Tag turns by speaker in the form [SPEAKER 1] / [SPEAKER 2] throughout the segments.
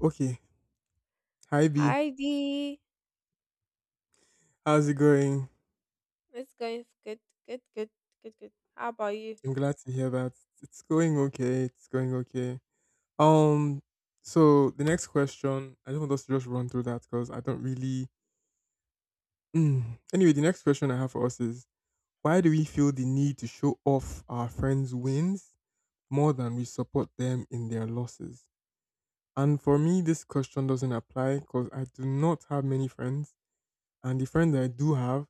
[SPEAKER 1] Okay. Hi B.
[SPEAKER 2] Hi Dee,
[SPEAKER 1] How's it going?
[SPEAKER 2] it's going good, good, good, good. How about you?
[SPEAKER 1] I'm glad to hear that. It's going okay. It's going okay. Um so the next question, I just want us to just run through that because I don't really Mm. anyway, the next question I have for us is why do we feel the need to show off our friends' wins more than we support them in their losses? And for me, this question doesn't apply because I do not have many friends. And the friends I do have,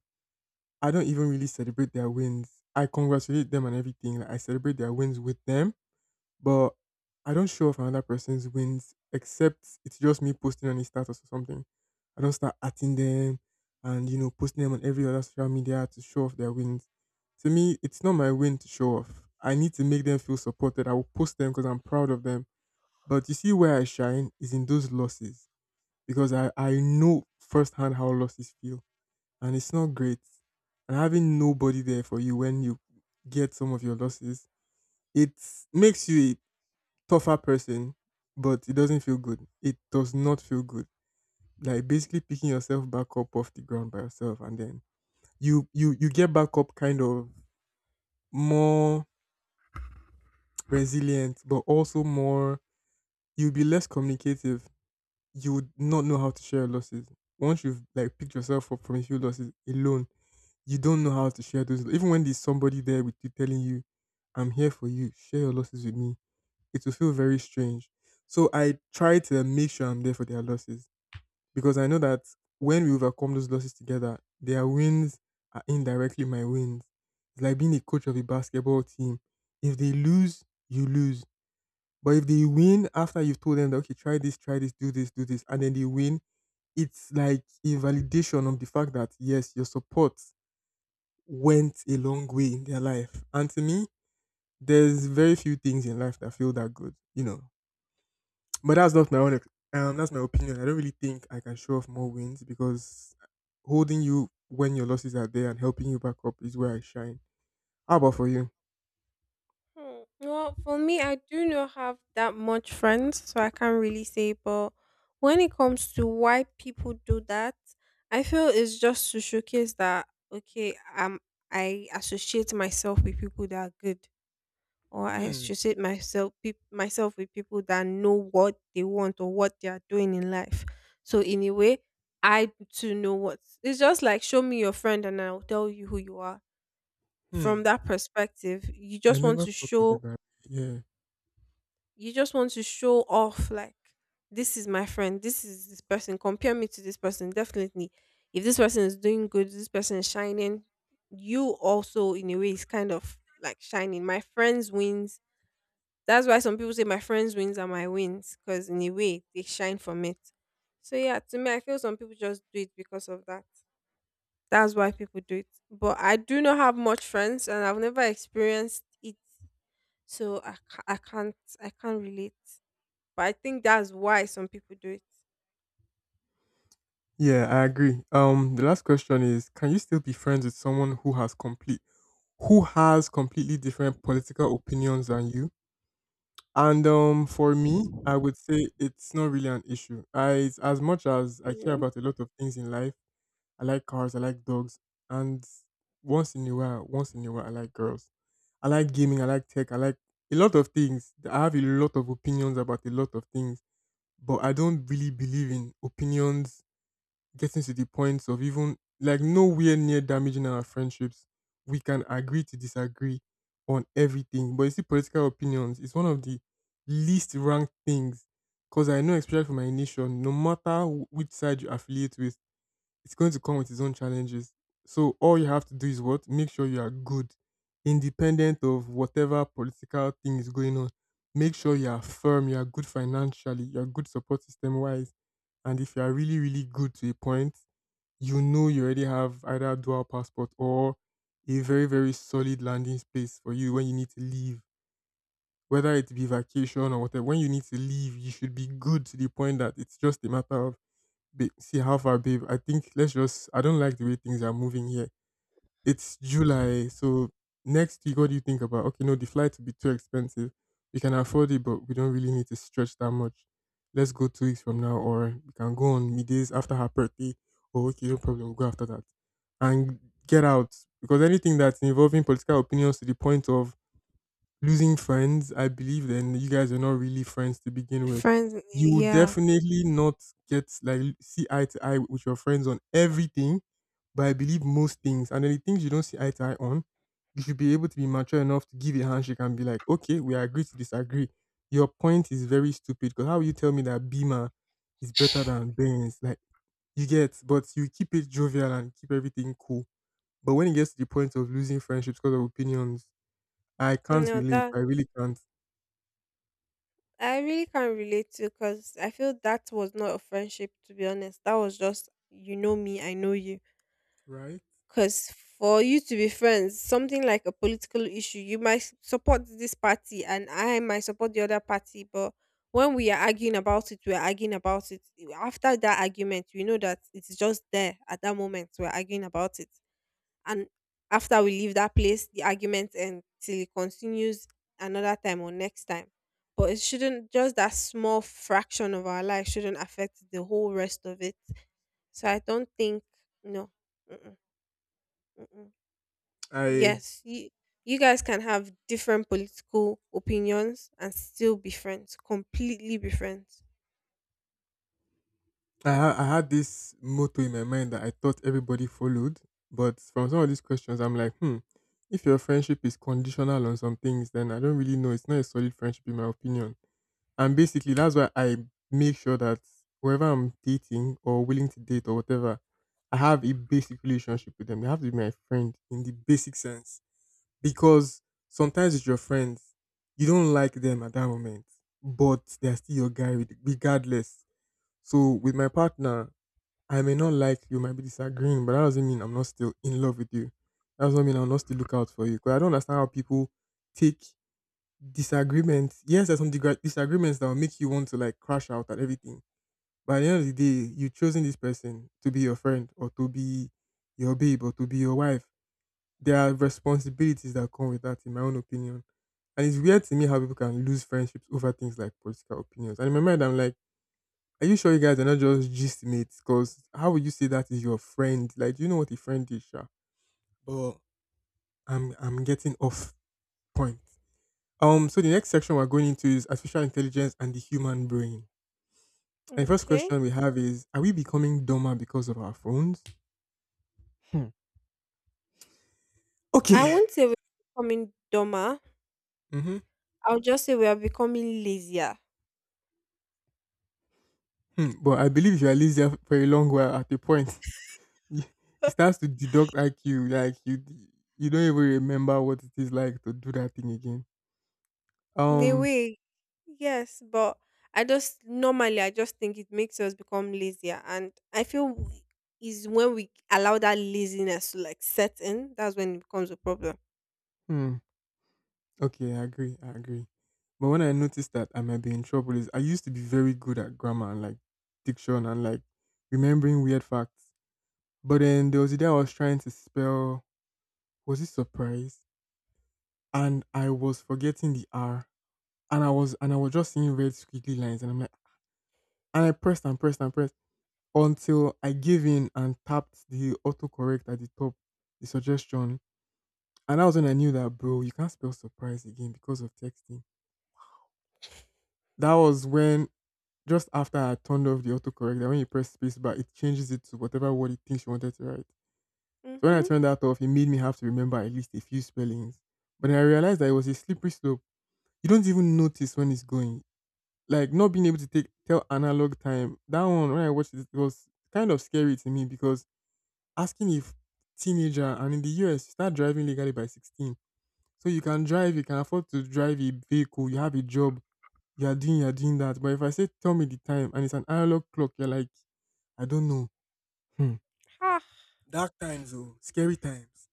[SPEAKER 1] I don't even really celebrate their wins. I congratulate them and everything. Like I celebrate their wins with them, but I don't show off another person's wins except it's just me posting on a status or something. I don't start atting them and posting them on every other social media to show off their wins. To me, it's not my win to show off. I need to make them feel supported. I will post them because I'm proud of them. But you see where I shine is in those losses because I know firsthand how losses feel and it's not great. And having nobody there for you when you get some of your losses, it makes you a tougher person, but it doesn't feel good. It does not feel good. Like basically picking yourself back up off the ground by yourself, and then you get back up kind of more resilient, but also more. You'll be less communicative. You would not know how to share your losses once you've like picked yourself up from a few losses alone you don't know how to share those. Even when there's somebody there with you telling you, I'm here for you, share your losses with me, it will feel very strange. So I try to make sure I'm there for their losses because I know that when we overcome those losses together, their wins are indirectly my wins. It's like being a coach of a basketball team. If they lose, you lose. But if they win after you've told them that, okay, try this, do this, do this, and then they win, it's like a validation of the fact that, yes, your support went a long way in their life. And to me, there's very few things in life that feel that good, you know. But that's not my own. That's my opinion. I don't really think I can show off more wins because holding you when your losses are there and helping you back up is where I shine. How about for you?
[SPEAKER 2] Hmm. Well, for me, I do not have that much friends, so I can't really say. But when it comes to why people do that, I feel it's just to showcase that I associate myself with people that are good. Or I
[SPEAKER 1] Hmm.
[SPEAKER 2] associate myself peop myself with people that know what they want or what they are doing in life. So in a way, I too know what it's just like, show me your friend and I'll tell you who you are. From
[SPEAKER 1] Hmm.
[SPEAKER 2] that perspective,
[SPEAKER 1] I never thought of it that. Way. Yeah.
[SPEAKER 2] you just want to show off like, this is my friend, this is this person, compare me to this person. Definitely. If this person is doing good, this person is shining, you also in a way is kind of like shining. My friends wins That's why some people say my friends' wins are my wins, because in a way they shine from it. So yeah, to me, I feel some people just do it because of that. That's why people do it. But I do not have much friends, and I've never experienced it, so I can't, I can't relate. But I think that's why some people do it.
[SPEAKER 1] Yeah, I agree. The last question is: Can you still be friends with someone who has who has completely different political opinions than you? And for me, I would say it's not really an issue. I, it's as much as I
[SPEAKER 2] You
[SPEAKER 1] care
[SPEAKER 2] know,
[SPEAKER 1] about a lot of things in life, I like cars, I like dogs, and once in a while, once in a while, I like girls. I like gaming, I like tech, I like a lot of things. I have a lot of opinions about a lot of things, but I don't really believe in opinions getting to the point of even like nowhere near damaging our friendships. We can agree to disagree on everything. But you see, political opinions is one of the least ranked things because I know, especially for my nation, no matter which side you affiliate with, it's going to come with its own challenges. So all you have to do is what? Make sure you are good, independent of whatever political thing is going on. Make sure you are firm, you are good financially, you are good support system wise, and if you are really, really good to a point, you know you already have either a dual passport or a very, very solid landing space for you when you need to leave. Whether it be vacation or whatever, when you need to leave, you should be good to the point that it's just a matter of, "Babe, see how far, babe. I think let's just, I don't like the way things are moving here. It's July, so next week, what do you think about? Okay, no, the flight will be too expensive. We can afford it, but we don't really need to stretch that much. Let's go 2 weeks from now, or we can go on middays after her birthday. Oh, okay, no problem. We'll go after that and get out because anything that's involving political opinions to the point of losing friends, I believe then you guys are not really friends to begin with.
[SPEAKER 2] friends.
[SPEAKER 1] You will
[SPEAKER 2] Yeah.
[SPEAKER 1] definitely not get like see eye to eye with your friends on everything, but I believe most things and then the things you don't see eye to eye on, you should be able to be mature enough to give a handshake and be like, okay, we agree to disagree. Your point is very stupid because how will you tell me that Beamer is better than Benz? Like you get, but you keep it jovial and keep everything cool. But when it gets to the point of losing friendships because of opinions, I can't
[SPEAKER 2] No,
[SPEAKER 1] relate.
[SPEAKER 2] that
[SPEAKER 1] I really can't.
[SPEAKER 2] I really can't relate to, because I feel that was not a friendship, to be honest. That was just, you know me, I know you.
[SPEAKER 1] Right?
[SPEAKER 2] Because for you to be friends, something like a political issue, you might support this party and I might support the other party. But when we are arguing about it, we're arguing about it. After that argument, we know that it's just there at that moment. We're arguing about it. And after we leave that place, the argument ends till it continues another time or next time. But it shouldn't, just that small fraction of our life shouldn't affect the whole rest of it. So I don't think, no. Mm-mm, mm-mm.
[SPEAKER 1] I
[SPEAKER 2] Yes, you guys can have different political opinions and still be friends, completely be friends.
[SPEAKER 1] I I had this motto in my mind that I thought everybody followed, but from some of these questions, I'm like, hmm, if your friendship is conditional on some things, then I don't really know. It's not a solid friendship, in my opinion. And basically, that's why I make sure that whoever I'm dating or willing to date or whatever, I have a basic relationship with them. They have to be my friend in the basic sense because sometimes with your friends, you don't like them at that moment, but they're still your guy, regardless. So with my partner, I may not like you, might be disagreeing, but that doesn't mean I'm not still in love with you. That doesn't mean I'll not still look out for you. Because I don't understand how people take disagreements. Yes, there's some disagreements that will make you want to like crash out at everything. But at the end of the day, you've chosen this person to be your friend or to be your babe or to be your wife. There are responsibilities that come with that, in my own opinion. And it's weird to me how people can lose friendships over things like political opinions. And in my mind, I'm like, are you sure you guys are not just gist mates? Because how would you say that is your friend? Like, do you know what a friend is, Sha? But I'm getting off point. So the next section we're going into is artificial intelligence and the human brain. And the first
[SPEAKER 2] Okay.
[SPEAKER 1] question we have is: Are we becoming dumber because of our phones? Hmm.
[SPEAKER 2] I
[SPEAKER 1] Okay.
[SPEAKER 2] won't say we're becoming dumber.
[SPEAKER 1] Mm-hmm.
[SPEAKER 2] I'll just say we are becoming lazier.
[SPEAKER 1] Hmm. But I believe if you are lazy for a long while, at a point, you- it starts to deduct IQ. Like you don't even remember what it is like to do that thing again.
[SPEAKER 2] In a
[SPEAKER 1] Um.
[SPEAKER 2] way, yes, but I just think it makes us become lazier, and I feel is when we allow that laziness to like set in, that's when it becomes a problem.
[SPEAKER 1] Hmm. Okay, I agree. I agree. But when I noticed that I might be in trouble is I used to be very good at grammar and like diction and like remembering weird facts. But then there was a day I was trying to spell was it surprise? And I was forgetting the R. And I was just seeing red squiggly lines and I'm like and I pressed and pressed and pressed until I gave in and tapped the autocorrect at the top, the suggestion. And that was when I knew that bro, you can't spell surprise again because of texting. That was when just after I turned off the autocorrect, that when you press space bar, it changes it to whatever word it thinks you wanted to write. So when I
[SPEAKER 2] Mm-hmm.
[SPEAKER 1] turned that off, it made me have to remember at least a few spellings. But then I realized that it was a slippery slope. You don't even notice when it's going. Like not being able to take tell analog time. That one when I watched it, it was kind of scary to me because asking if teenager and in the US you start driving legally by 16. So you can drive, you can afford to drive a vehicle, you have a job, you are doing that. But if I say, tell me the time, and it's an analog clock, you're like, I don't know. Hmm.
[SPEAKER 2] Ha!
[SPEAKER 1] Dark times, oh, scary times.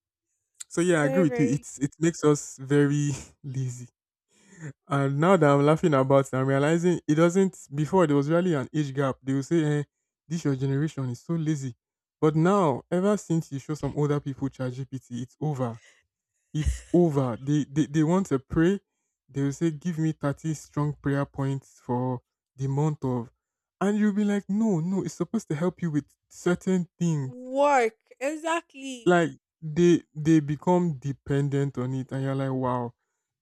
[SPEAKER 1] So yeah, I agree
[SPEAKER 2] Very
[SPEAKER 1] with you.
[SPEAKER 2] very
[SPEAKER 1] It makes us very lazy. And now that I'm laughing about it, I'm realizing it doesn't. Before there was really an age gap. They would say, eh, "This your generation is so lazy," but now, ever since you show some older people ChatGPT, it's over. It's over. They want to pray. They will say, "Give me 30 strong prayer points for the month of," and you'll be like, "No, no, it's supposed to help you with certain things."
[SPEAKER 2] work exactly.
[SPEAKER 1] Like they become dependent on it and you're like, wow.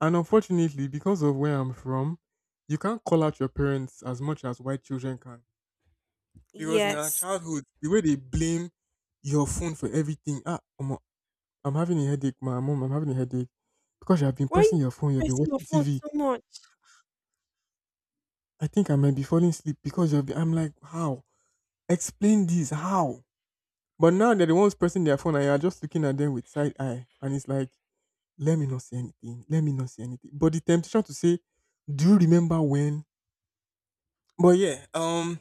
[SPEAKER 1] And unfortunately, because of where I'm from, you can't call out your parents as much as white children can, because in our
[SPEAKER 2] Yes.
[SPEAKER 1] childhood the way they blame your phone for everything. Ah, omo, I'm having a headache. My mom, I'm having a headache because you have been
[SPEAKER 2] Why are you
[SPEAKER 1] pressing your phone, you've been
[SPEAKER 2] pressing your
[SPEAKER 1] watching
[SPEAKER 2] phone
[SPEAKER 1] TV,
[SPEAKER 2] so much?
[SPEAKER 1] I think I might be falling asleep because you've been. I'm like, how? Explain this, how? But now they're the ones pressing their phone and you're just looking at them with side eye and it's like, let me not say anything, let me not say anything. But the temptation to say, do you remember when? But yeah,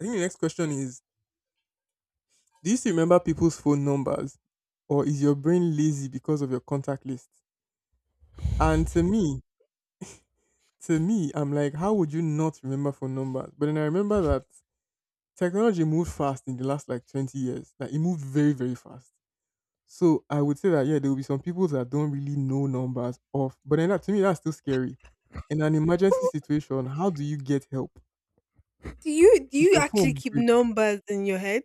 [SPEAKER 1] I think the next question is, do you still remember people's phone numbers, or is your brain lazy because of your contact list? And to me, I'm like, how would you not remember phone numbers? But then I remember that technology moved fast in the last like 20 years. Like it moved very, very fast. So I would say that, yeah, there will be some people that don't really know numbers off, but then that, to me, that's still scary. In an emergency situation, how do you get help
[SPEAKER 2] Do
[SPEAKER 1] if
[SPEAKER 2] you
[SPEAKER 1] your
[SPEAKER 2] actually
[SPEAKER 1] phone
[SPEAKER 2] keep
[SPEAKER 1] breaks?
[SPEAKER 2] numbers in your head?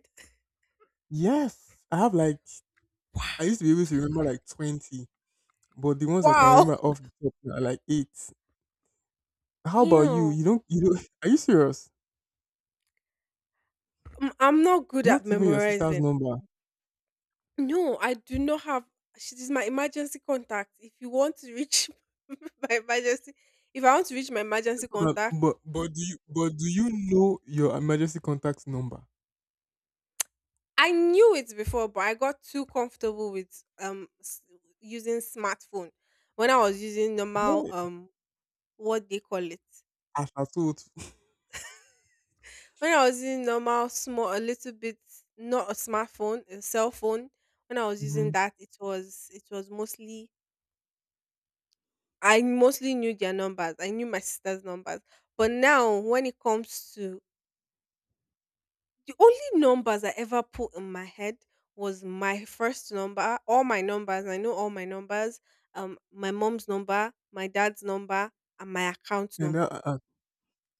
[SPEAKER 1] Yes, I have like, I used to be able to remember like 20, but the ones I can
[SPEAKER 2] Wow.
[SPEAKER 1] remember off the top are like eight. How about you?
[SPEAKER 2] Damn.
[SPEAKER 1] You don't are you serious?
[SPEAKER 2] I'm not good at
[SPEAKER 1] Not even your sister's
[SPEAKER 2] memorizing.
[SPEAKER 1] number.
[SPEAKER 2] No, I do not have. She is my emergency contact. If you want to reach my emergency, if I want to reach my
[SPEAKER 1] That's
[SPEAKER 2] emergency
[SPEAKER 1] what.
[SPEAKER 2] contact,
[SPEAKER 1] But do you know your emergency contact's number?
[SPEAKER 2] I knew it before, but I got too comfortable with using smartphone when I was using normal
[SPEAKER 1] Yeah.
[SPEAKER 2] what they call it,
[SPEAKER 1] As I told.
[SPEAKER 2] when I was using normal small a little bit, not a smartphone, a cell phone. When I was using
[SPEAKER 1] Mhm.
[SPEAKER 2] that, it was mostly, I mostly knew their numbers, I knew my sister's numbers. But now, when it comes to, the only numbers I ever put in my head was my first number, all my numbers. I know all my numbers. My mom's number, my dad's number, and my account
[SPEAKER 1] And
[SPEAKER 2] number.
[SPEAKER 1] that.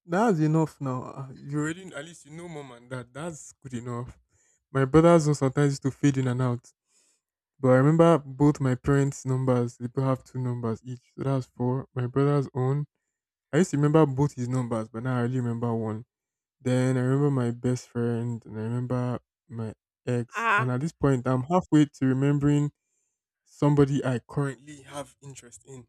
[SPEAKER 1] That's enough now. Ah, you already, at least you know mom and dad. That's good enough. My brothers also sometimes used to fade in and out. But I remember both my parents' numbers, they both have two numbers each. So that's four. My brother's own, I used to remember both his numbers, but now I only remember one. Then I
[SPEAKER 2] Wow.
[SPEAKER 1] remember my best friend and I remember my ex. And
[SPEAKER 2] Ah.
[SPEAKER 1] at this point I'm halfway to remembering somebody I currently have interest in.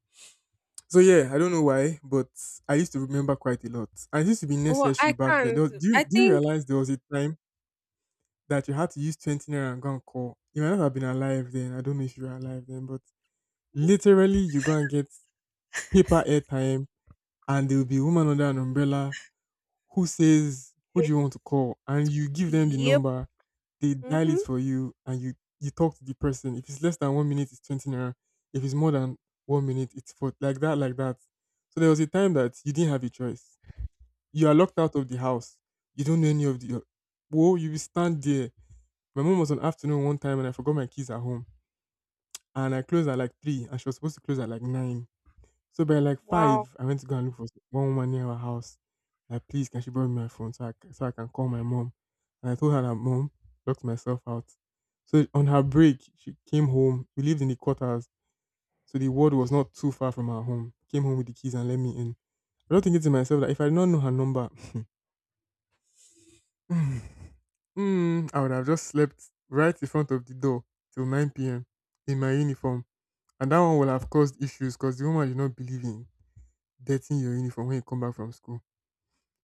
[SPEAKER 1] So yeah, I don't know why, but I used to remember quite a lot. And it used to be
[SPEAKER 2] Well,
[SPEAKER 1] necessary
[SPEAKER 2] I
[SPEAKER 1] back then. There
[SPEAKER 2] can't.
[SPEAKER 1] was- do you
[SPEAKER 2] I
[SPEAKER 1] do you
[SPEAKER 2] think.
[SPEAKER 1] realize there was a time that you had to use 20 naira and go and call? You might not have been alive then. I don't know if you were alive then, but literally you go and get paper airtime, and there will be a woman under an umbrella who says, "Who do
[SPEAKER 2] It-
[SPEAKER 1] you want to call?" And you give them the
[SPEAKER 2] Yep.
[SPEAKER 1] number, they dial it
[SPEAKER 2] Mhm.
[SPEAKER 1] for you, and you talk to the person. If it's less than 1 minute, it's 20 naira. If it's more than 1 minute, it's for like that, like that. So there was a time that you didn't have a choice. You are locked out of the house. You don't know any of the. Whoa, you will stand there. My mom was on afternoon one time, and I forgot my keys at home, and I closed at like 3, and she was supposed to close at like 9. So by like
[SPEAKER 2] Wow.
[SPEAKER 1] 5, I went to go and look for one woman near our house. Like, please, can she borrow me my phone so so I can call my mom? And I told her that mom, locked myself out. So on her break, she came home. We lived in the quarters, so the ward was not too far from our home. Came home with the keys and let me in. I was thinking to myself that if I did not know her number, mm, I would have just slept right in front of the door till 9 p.m. in my uniform. And that one will have caused issues because the woman did not believe in dirtying your uniform when you come back from school.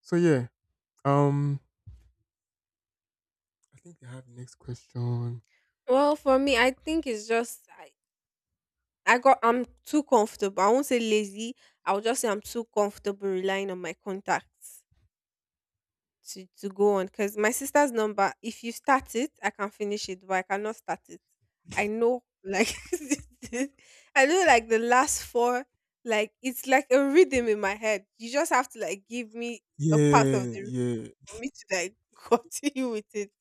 [SPEAKER 1] So yeah, um, I think I have next question.
[SPEAKER 2] Well, for me, I think it's just I got, I'm too comfortable. I won't say lazy. I'll just say I'm too comfortable relying on my contacts to go on. Because my sister's number, if you start it I can finish it, but I cannot start it. I know like I know like the last four, like it's like a rhythm in my head. You just have to like give me a part of
[SPEAKER 1] Yeah,
[SPEAKER 2] the rhythm
[SPEAKER 1] yeah,
[SPEAKER 2] for me to like continue with it.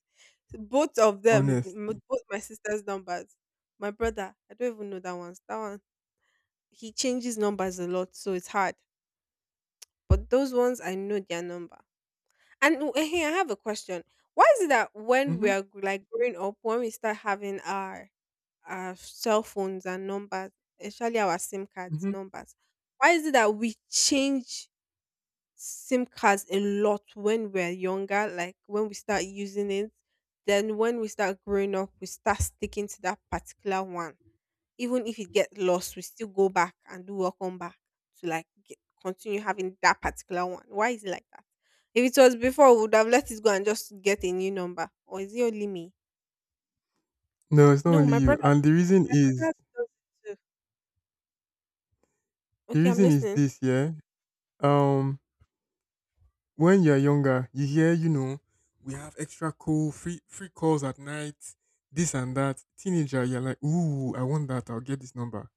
[SPEAKER 2] Both of them,
[SPEAKER 1] honestly.
[SPEAKER 2] both my sister's numbers. My brother, I don't even know that one. He changes numbers a lot, so it's hard. But those ones I know their number. And oh, eh, I have a question. Why is it that when
[SPEAKER 1] Mm-hmm,
[SPEAKER 2] we are like growing up, when we start having our cell phones and numbers, especially our SIM cards
[SPEAKER 1] mm-hmm.
[SPEAKER 2] numbers, why is it that we change SIM cards a lot when we're younger? Like when we start using it, then when we start growing up, we start sticking to that particular one. Even if it gets lost, we still go back and do welcome back to like get, continue having that particular one. Why is it like that? If it was before, we would have let it go and just get a new number. Or is it only me?
[SPEAKER 1] No, it's not
[SPEAKER 2] No,
[SPEAKER 1] only
[SPEAKER 2] my
[SPEAKER 1] you.
[SPEAKER 2] brother.
[SPEAKER 1] And the reason is,
[SPEAKER 2] Brother does it too.
[SPEAKER 1] the
[SPEAKER 2] Okay, I'm
[SPEAKER 1] reason is
[SPEAKER 2] listening.
[SPEAKER 1] this, yeah. Um, when you're younger, you hear, you know, we have extra call, free calls at night, this and that. Teenager, you're like, ooh, I want that. I'll get this number.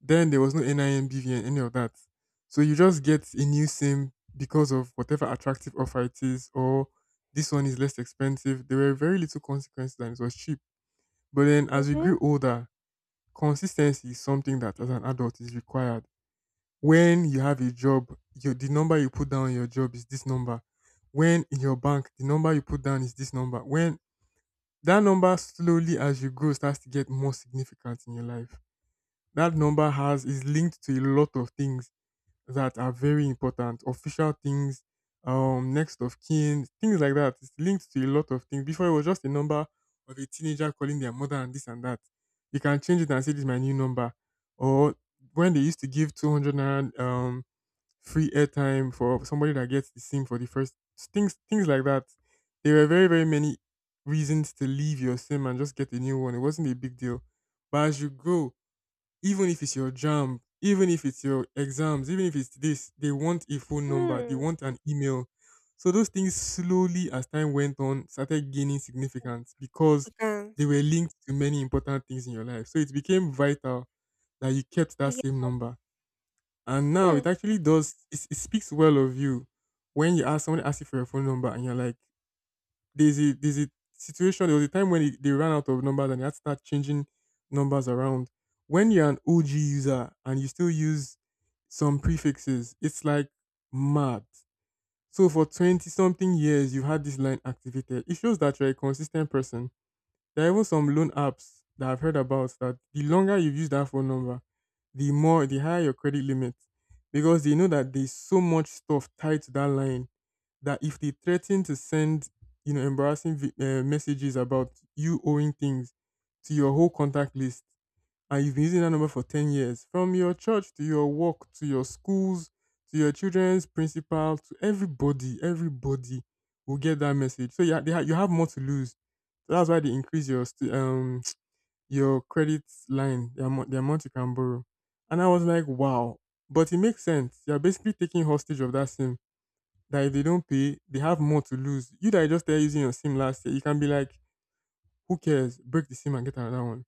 [SPEAKER 1] Then there was no NIMBV and any of that. So you just get a new SIM because of whatever attractive offer it is, or this one is less expensive. There were very little consequences and it was cheap. But then as we
[SPEAKER 2] Mhm.
[SPEAKER 1] grew older, consistency is something that as an adult is required. When you have a job, your, the number you put down on your job is this number. When in your bank, the number you put down is this number. When that number slowly as you grow starts to get more significant in your life. That number has is linked to a lot of things that are very important, official things, next of kin, things like that. It's linked to a lot of things. Before it was just a number of a teenager calling their mother and this and that. You can change it and say this is my new number. Or when they used to give 200 naira free airtime for somebody that gets the sim for the first, things like that. There were very, very many reasons to leave your sim and just get a new one. It wasn't a big deal. But as you grow, even if it's your jam, even if it's your exams, even if it's this, they want a phone number, they
[SPEAKER 2] Hmm.
[SPEAKER 1] want an email. So those things slowly, as time went on, started gaining significance because they
[SPEAKER 2] Africans.
[SPEAKER 1] were linked to many important things in your life. So it became vital that you kept that
[SPEAKER 2] Yeah.
[SPEAKER 1] same number. And now
[SPEAKER 2] Hmm.
[SPEAKER 1] it actually does, it speaks well of you when you ask, someone asks you for your phone number and you're like, there's a situation. There was a time when it, they ran out of numbers and they had to start changing numbers around. When you're an OG user and you still use some prefixes, it's like mad. So for 20 something years, you've had this line activated. It shows that you're a consistent person. There are even some loan apps that I've heard about that the longer you've used that phone number, the higher your credit limit, because they know that there's so much stuff tied to that line that if they threaten to send, you know, embarrassing messages about you owing things to your whole contact list, and you've been using that number for 10 years, from your church to your work to your schools to your children's principal to everybody, everybody will get that message. So yeah, they ha- you have more to lose. So that's why they increase your st- your credit line, the amount you can borrow. And I was like, wow. But it makes sense. You're basically taking hostage of that sim that if they don't pay, they have more to lose. You that just there using your SIM last year, you can be like, who cares? Break the SIM and get another one.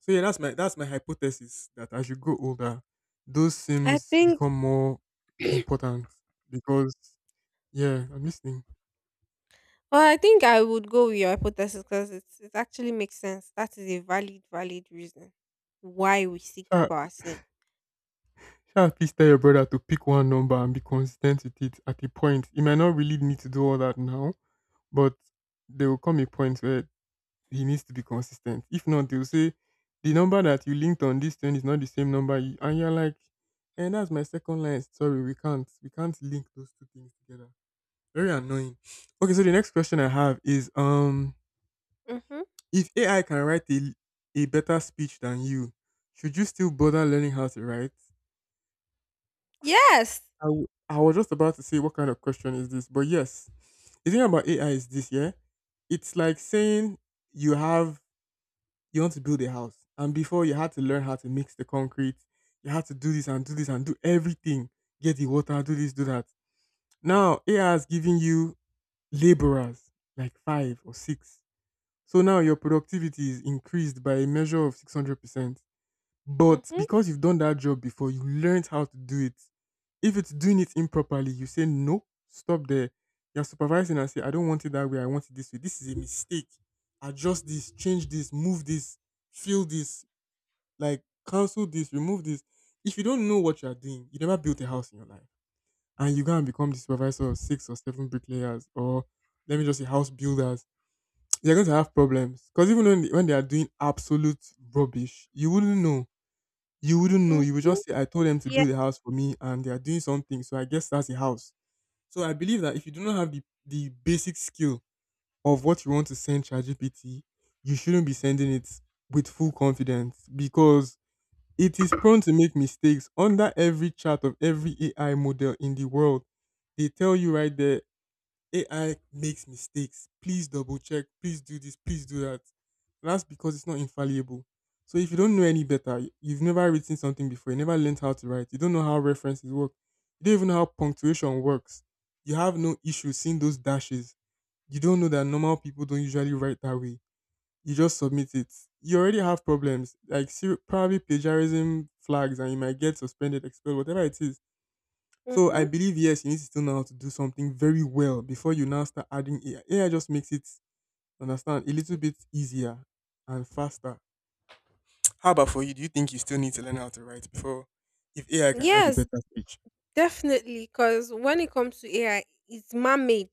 [SPEAKER 1] So yeah, that's my hypothesis that as you grow older, those
[SPEAKER 2] I
[SPEAKER 1] SIMs
[SPEAKER 2] think.
[SPEAKER 1] become more important, because, yeah, I'm listening.
[SPEAKER 2] Well, I think I would go with your hypothesis, because it actually makes sense. That is a valid valid reason why we still keep
[SPEAKER 1] Sha,
[SPEAKER 2] our sim.
[SPEAKER 1] Sha, please tell your brother to pick one number and be consistent with it at a point. He might not really need to do all that now, but there will come a point where he needs to be consistent. If not, they'll say the number that you linked on this thing is not the same number. You, and you're like, and that's my second line. Sorry, we can't. We can't link those two things together. Very annoying. Okay, so the next question I have is
[SPEAKER 2] Mhm.
[SPEAKER 1] if AI can write a better speech than you, should you still bother learning how to write?
[SPEAKER 2] Yes.
[SPEAKER 1] I was just about to say what kind of question is this, but yes. The thing about AI is this, yeah? It's like saying you have, you want to build a house. And before you had to learn how to mix the concrete, you had to do this and do this and do everything. Get the water, do this, do that. Now AI has given you laborers like five or six. So now your productivity is increased by a measure of 600%. But
[SPEAKER 2] Mhm.
[SPEAKER 1] because you've done that job before, you learned how to do it. If it's doing it improperly, you say no, stop there. You're supervising and say, I don't want it that way, I want it this way. This is a mistake. Adjust this, change this, move this, fill this, like cancel this, remove this. If you don't know what you are doing, you never built a house in your life, and you go and become the supervisor of six or seven bricklayers, or let me just say house builders, you're going to have problems. Because even when they are doing absolute rubbish, you wouldn't know. You wouldn't know. You would
[SPEAKER 2] Mhm.
[SPEAKER 1] just say, "I told them to build a house for me, and they are doing something, so I guess that's a house." So I believe that if you do not have the basic skill of what you want to send ChatGPT, you shouldn't be sending it with full confidence because it is prone to make mistakes under every chart of every AI model in the world. They tell you right there, AI makes mistakes. Please double check. Please do this. Please do that. That's because it's not infallible. So if you don't know any better, you've never written something before, you never learned how to write, you don't know how references work, you don't even know how punctuation works. You have no issue seeing those dashes. You don't know that normal people don't usually write that way, you just submit it. You already have problems, like probably plagiarism flags, and you might get suspended, expelled, whatever it is. So I
[SPEAKER 2] Mhm.
[SPEAKER 1] believe yes, you need to still know how to do something very well before you now start adding AI. AI just makes it understand a little bit easier and faster. How about for you? Do you think you still need to learn how to write before if AI can write a
[SPEAKER 2] Yes,
[SPEAKER 1] better speech?
[SPEAKER 2] definitely. Because when it comes to AI, it's man made.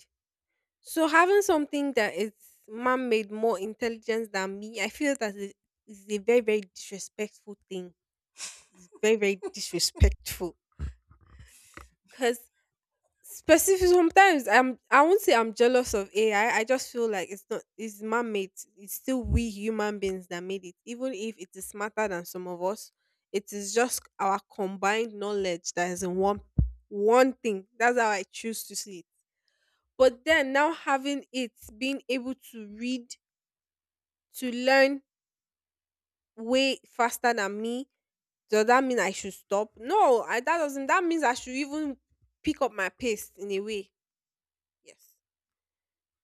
[SPEAKER 2] So having something that is man made more intelligent than me, I feel that it is a very, very disrespectful thing. Like, it's very, very disrespectful. Because, specific sometimes I won't say I'm jealous of ai, I just feel like it's not, it's man-made. It's still we human beings that made it. Even if it is smarter than some of us, it is just our combined knowledge that is in one thing. That's how I choose to see it. But then now, having it being able to read, to learn way faster than me, does that mean I should stop? No, that doesn't, that means I should even pick up my pace in a way. Yes,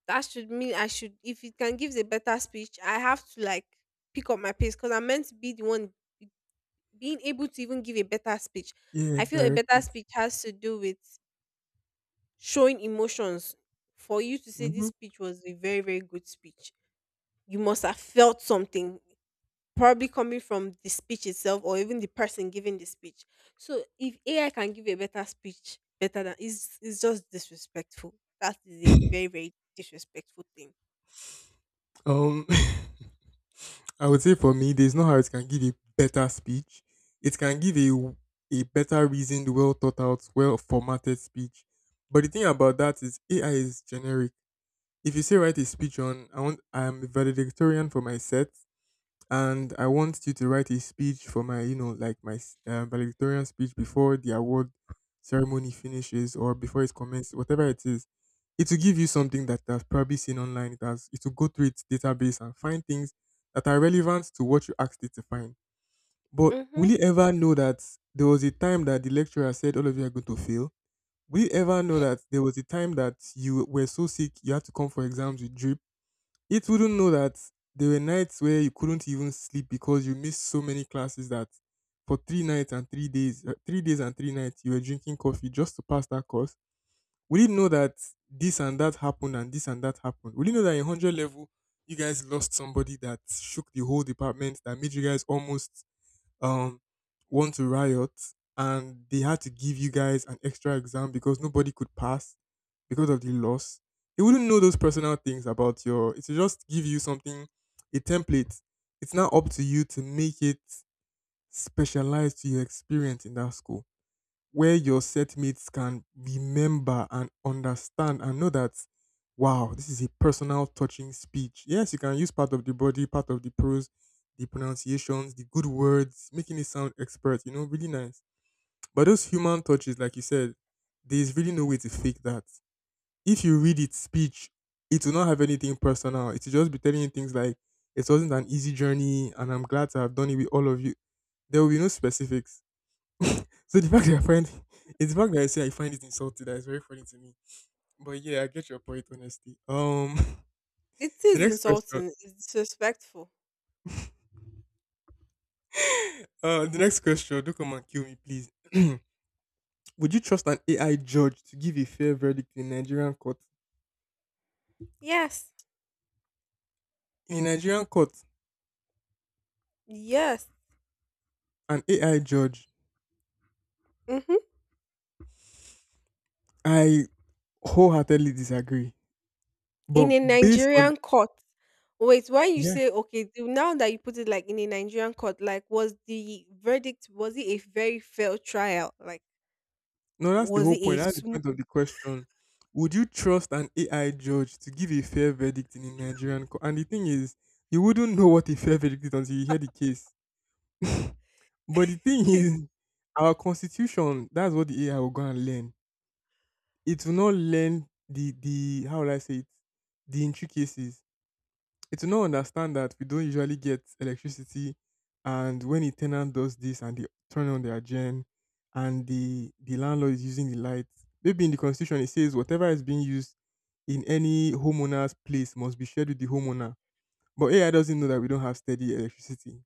[SPEAKER 2] that should mean I should, if it can give a better speech, I have to like pick up my pace, because I'm meant to be the one being able to even give a better speech.
[SPEAKER 1] Yeah,
[SPEAKER 2] I feel a
[SPEAKER 1] direct
[SPEAKER 2] better
[SPEAKER 1] it.
[SPEAKER 2] speech has to do with showing emotions. For you to say this
[SPEAKER 1] Hmm.
[SPEAKER 2] speech was a very, very good speech, you must have felt something, probably coming from the speech itself or even the person giving the speech. So if AI can give a better speech, better than it's just disrespectful. That is a very, very disrespectful thing.
[SPEAKER 1] Um, I would say for me, there's no how it can give a better speech. It can give a better reasoned, well thought out, well formatted speech. But the thing about that is AI is generic. If you say write a speech on I'm a valedictorian for my set, and I want you to write a speech for my, you know, like my valedictorian speech before the award ceremony finishes or before it commences, whatever it is. It will give you something that I've probably seen online. It will go through its database and find things that are relevant to what you asked it to find. But
[SPEAKER 2] Mm-hmm.
[SPEAKER 1] will you ever know that there was a time that the lecturer said all of you are going to fail? Will you ever know that there was a time that you were so sick you had to come for exams with drip? It wouldn't know that there were nights where you couldn't even sleep because you missed so many classes that for 3 nights and 3 days, 3 days and 3 nights, you were drinking coffee just to pass that course. Would it know that this and that happened and this and that happened? Would it know that in 100 level, you guys lost somebody that shook the whole department, that made you guys almost um, want to riot, and they had to give you guys an extra exam because nobody could pass? Because of the loss, they wouldn't know those personal things about your. It will just give you something, a template. It's now up to you to make it specialized to your experience in that school, where your set mates can remember and understand and know that, wow, this is a personal touching speech. Yes, you can use part of the body, part of the prose, the pronunciations, the good words, making it sound expert. You know, really nice. But those human touches, like you said, there's really no way to fake that if you read its speech, it will not have anything personal. It will just be telling you things like, it wasn't an easy journey and I'm glad to have done it with all of you. There will be no specifics. so the fact that I find it's the fact that I say I find it insulting that is very funny to me. But yeah, I get your point honestly.
[SPEAKER 2] It
[SPEAKER 1] The
[SPEAKER 2] is
[SPEAKER 1] next question.
[SPEAKER 2] insulting. It's disrespectful.
[SPEAKER 1] The next question, do not come and kill me, please. Would you trust an AI judge to give a fair verdict in a Nigerian court?
[SPEAKER 2] Yes.
[SPEAKER 1] In a Nigerian court,
[SPEAKER 2] Yes.
[SPEAKER 1] an AI judge,
[SPEAKER 2] Hmm.
[SPEAKER 1] I wholeheartedly disagree.
[SPEAKER 2] In
[SPEAKER 1] But
[SPEAKER 2] a
[SPEAKER 1] based on
[SPEAKER 2] Nigerian court. Wait, why you say,
[SPEAKER 1] yes,
[SPEAKER 2] now that you put it like in a Nigerian court, like, was the verdict, was it a very fair trial? Like,
[SPEAKER 1] no, that's the
[SPEAKER 2] was
[SPEAKER 1] whole
[SPEAKER 2] it a
[SPEAKER 1] point. That's the
[SPEAKER 2] smooth?
[SPEAKER 1] point of the question. Would you trust an AI judge to give a fair verdict in a Nigerian court? And the thing is, you wouldn't know what a fair verdict is until you hear the case. But the thing is, our constitution, that's what the AI will go and learn. It will not learn the how will I say it, the intricacies. It will not understand that we don't usually get electricity, and when a tenant does this and they turn on their gen, and the landlord is using the lights, maybe in the constitution it says whatever is being used in any homeowner's place must be shared with the homeowner. But AI doesn't know that we don't have steady electricity,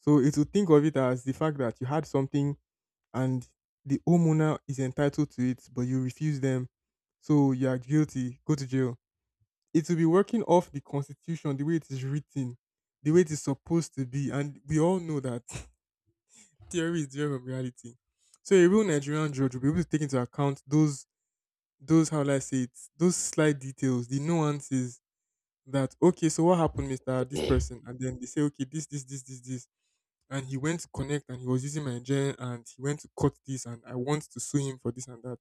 [SPEAKER 1] so it will think of it as the fact that you had something and the homeowner is entitled to it, but you refuse them, so you are guilty. Go to jail. It will be working off the constitution the way it is written, the way it is supposed to be, and we all know that theory is different from reality. So a real Nigerian judge will be able to take into account those, how will I say it, those slight details, the nuances, that okay, so what happened, mr this person, and then they say okay, this, and he went to connect and he was using my gen and he went to cut this and I want to sue him for this and that.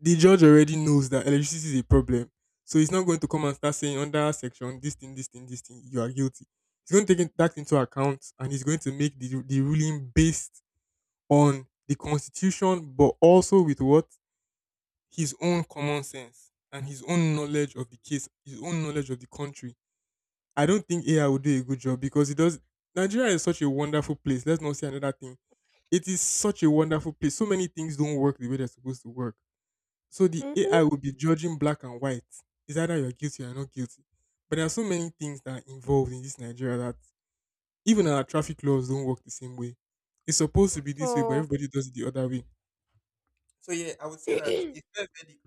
[SPEAKER 1] The judge already knows that electricity is a problem. So he's not going to come and start saying under section this thing, this thing, this thing, you are guilty. He's going to take it- that into account, and he's going to make the ruling based on the constitution, but also with what? His own common sense and his own knowledge of the case, his own knowledge of the country. I don't think AI will do a good job because it does. Nigeria is such a wonderful place. Let's not say another thing. It is such a wonderful place. So many things don't work the way they're supposed to work, so the
[SPEAKER 2] Mm-hmm.
[SPEAKER 1] AI will be judging black and white. It's either you're guilty or you're not guilty. But there are so many things that are involved in this Nigeria that even our traffic laws don't work the same way. It's supposed to
[SPEAKER 2] At
[SPEAKER 1] be this way, but
[SPEAKER 2] all.
[SPEAKER 1] everybody does it the other way. So yeah, I would say that a fair verdict,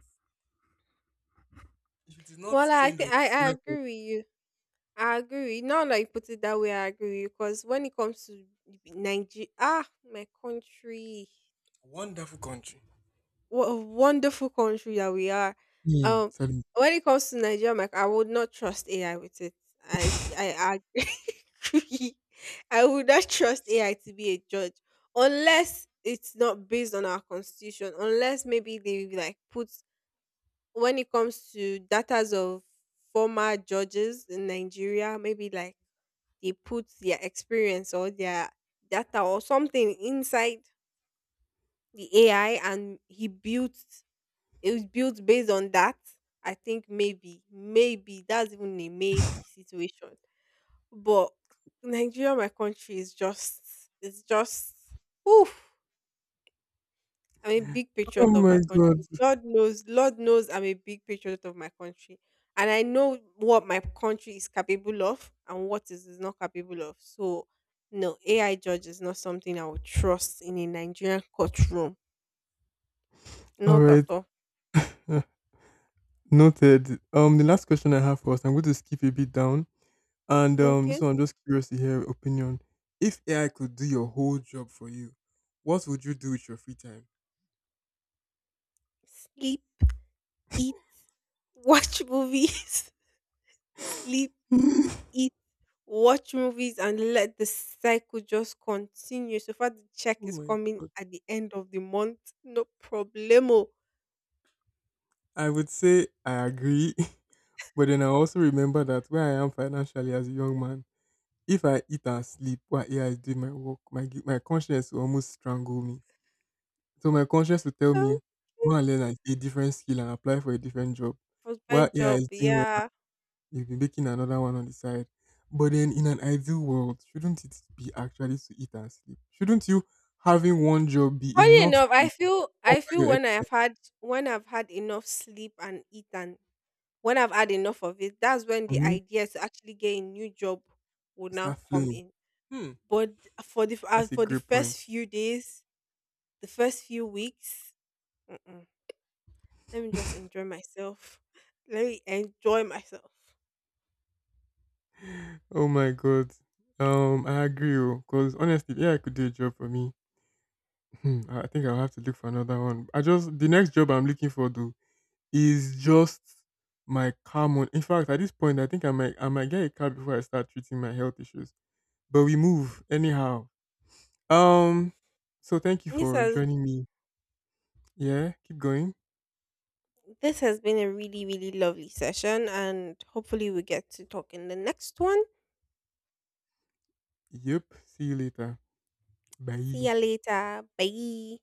[SPEAKER 1] if it is not
[SPEAKER 2] Well, I
[SPEAKER 1] trained on
[SPEAKER 2] think I
[SPEAKER 1] Nigerian culture,
[SPEAKER 2] agree with you. I agree. Now that you put it that way, I agree, because when it comes to Nigeria, ah, my country,
[SPEAKER 1] wonderful country.
[SPEAKER 2] what a wonderful country that we are.
[SPEAKER 1] Hmm,
[SPEAKER 2] Um,
[SPEAKER 1] sorry.
[SPEAKER 2] when it comes to Nigeria, like, I would not trust AI with it. I agree. I would not trust AI to be a judge, unless it's not based on our constitution. Unless maybe they like put, when it comes to datas of former judges in Nigeria, maybe like they put their experience or their data or something inside the AI and he built, it was built based on that. I think maybe, maybe that's even a maybe situation. But Nigeria, my country, is just, it's just, oof. I'm a big
[SPEAKER 1] Oh
[SPEAKER 2] patriot of
[SPEAKER 1] my
[SPEAKER 2] my
[SPEAKER 1] god.
[SPEAKER 2] country. Lord knows I'm a big patriot of my country. And I know what my country is capable of and what is not capable of. So, no, AI judge is not something I would trust in a Nigerian courtroom.
[SPEAKER 1] All
[SPEAKER 2] Not at
[SPEAKER 1] right.
[SPEAKER 2] all.
[SPEAKER 1] Noted. The last question I have for us, I'm going to skip a bit down. And this
[SPEAKER 2] Okay?
[SPEAKER 1] one, I'm just curious to hear your opinion. If AI could do your whole job for you, what would you do with your free time?
[SPEAKER 2] Sleep, eat, watch movies. Sleep, eat, watch movies, and let the cycle just continue. So far, the check
[SPEAKER 1] Oh
[SPEAKER 2] is
[SPEAKER 1] my
[SPEAKER 2] coming
[SPEAKER 1] god!
[SPEAKER 2] at the end of the month. No problemo.
[SPEAKER 1] I would say I agree, but then I also remember that where I am financially as a young man, if I eat and sleep while AI is doing my work, my conscience will almost strangle me. So my conscience will tell me
[SPEAKER 2] Okay.
[SPEAKER 1] go and learn a different skill and apply for a different job, while
[SPEAKER 2] Husband
[SPEAKER 1] AI
[SPEAKER 2] job,
[SPEAKER 1] is doing.
[SPEAKER 2] yeah.
[SPEAKER 1] You'll be making another one on the side. But then in an ideal world, shouldn't it be actually to eat and sleep? Shouldn't you having one job be
[SPEAKER 2] Funny
[SPEAKER 1] enough
[SPEAKER 2] enough, I
[SPEAKER 1] to
[SPEAKER 2] feel I
[SPEAKER 1] cover
[SPEAKER 2] feel
[SPEAKER 1] your
[SPEAKER 2] when I
[SPEAKER 1] ex-
[SPEAKER 2] have had, when I've had enough sleep and eat and when I've had enough of it, that's when the
[SPEAKER 1] Mhm.
[SPEAKER 2] idea to actually get a new job would now
[SPEAKER 1] Start
[SPEAKER 2] come
[SPEAKER 1] flowing?
[SPEAKER 2] in.
[SPEAKER 1] Hmm,
[SPEAKER 2] But
[SPEAKER 1] that's a
[SPEAKER 2] for the
[SPEAKER 1] great point.
[SPEAKER 2] first few days, the first few weeks, mm-mm. Let me just enjoy myself. Let me enjoy myself.
[SPEAKER 1] Oh my god. I agree, because honestly, yeah, I could do a job for me. Hmm, I think I'll have to look for another one. I just the next job I'm looking for though is just my car. In fact, at this point, I think I might get a car before I start treating my health issues. But we move anyhow. Um, so thank you
[SPEAKER 2] This
[SPEAKER 1] for
[SPEAKER 2] has
[SPEAKER 1] joining me. Yeah, keep going.
[SPEAKER 2] this has been a really really lovely session, and hopefully we get to talk in the next one.
[SPEAKER 1] Yep. See you later.
[SPEAKER 2] See
[SPEAKER 1] Bye.
[SPEAKER 2] ya later. Bye.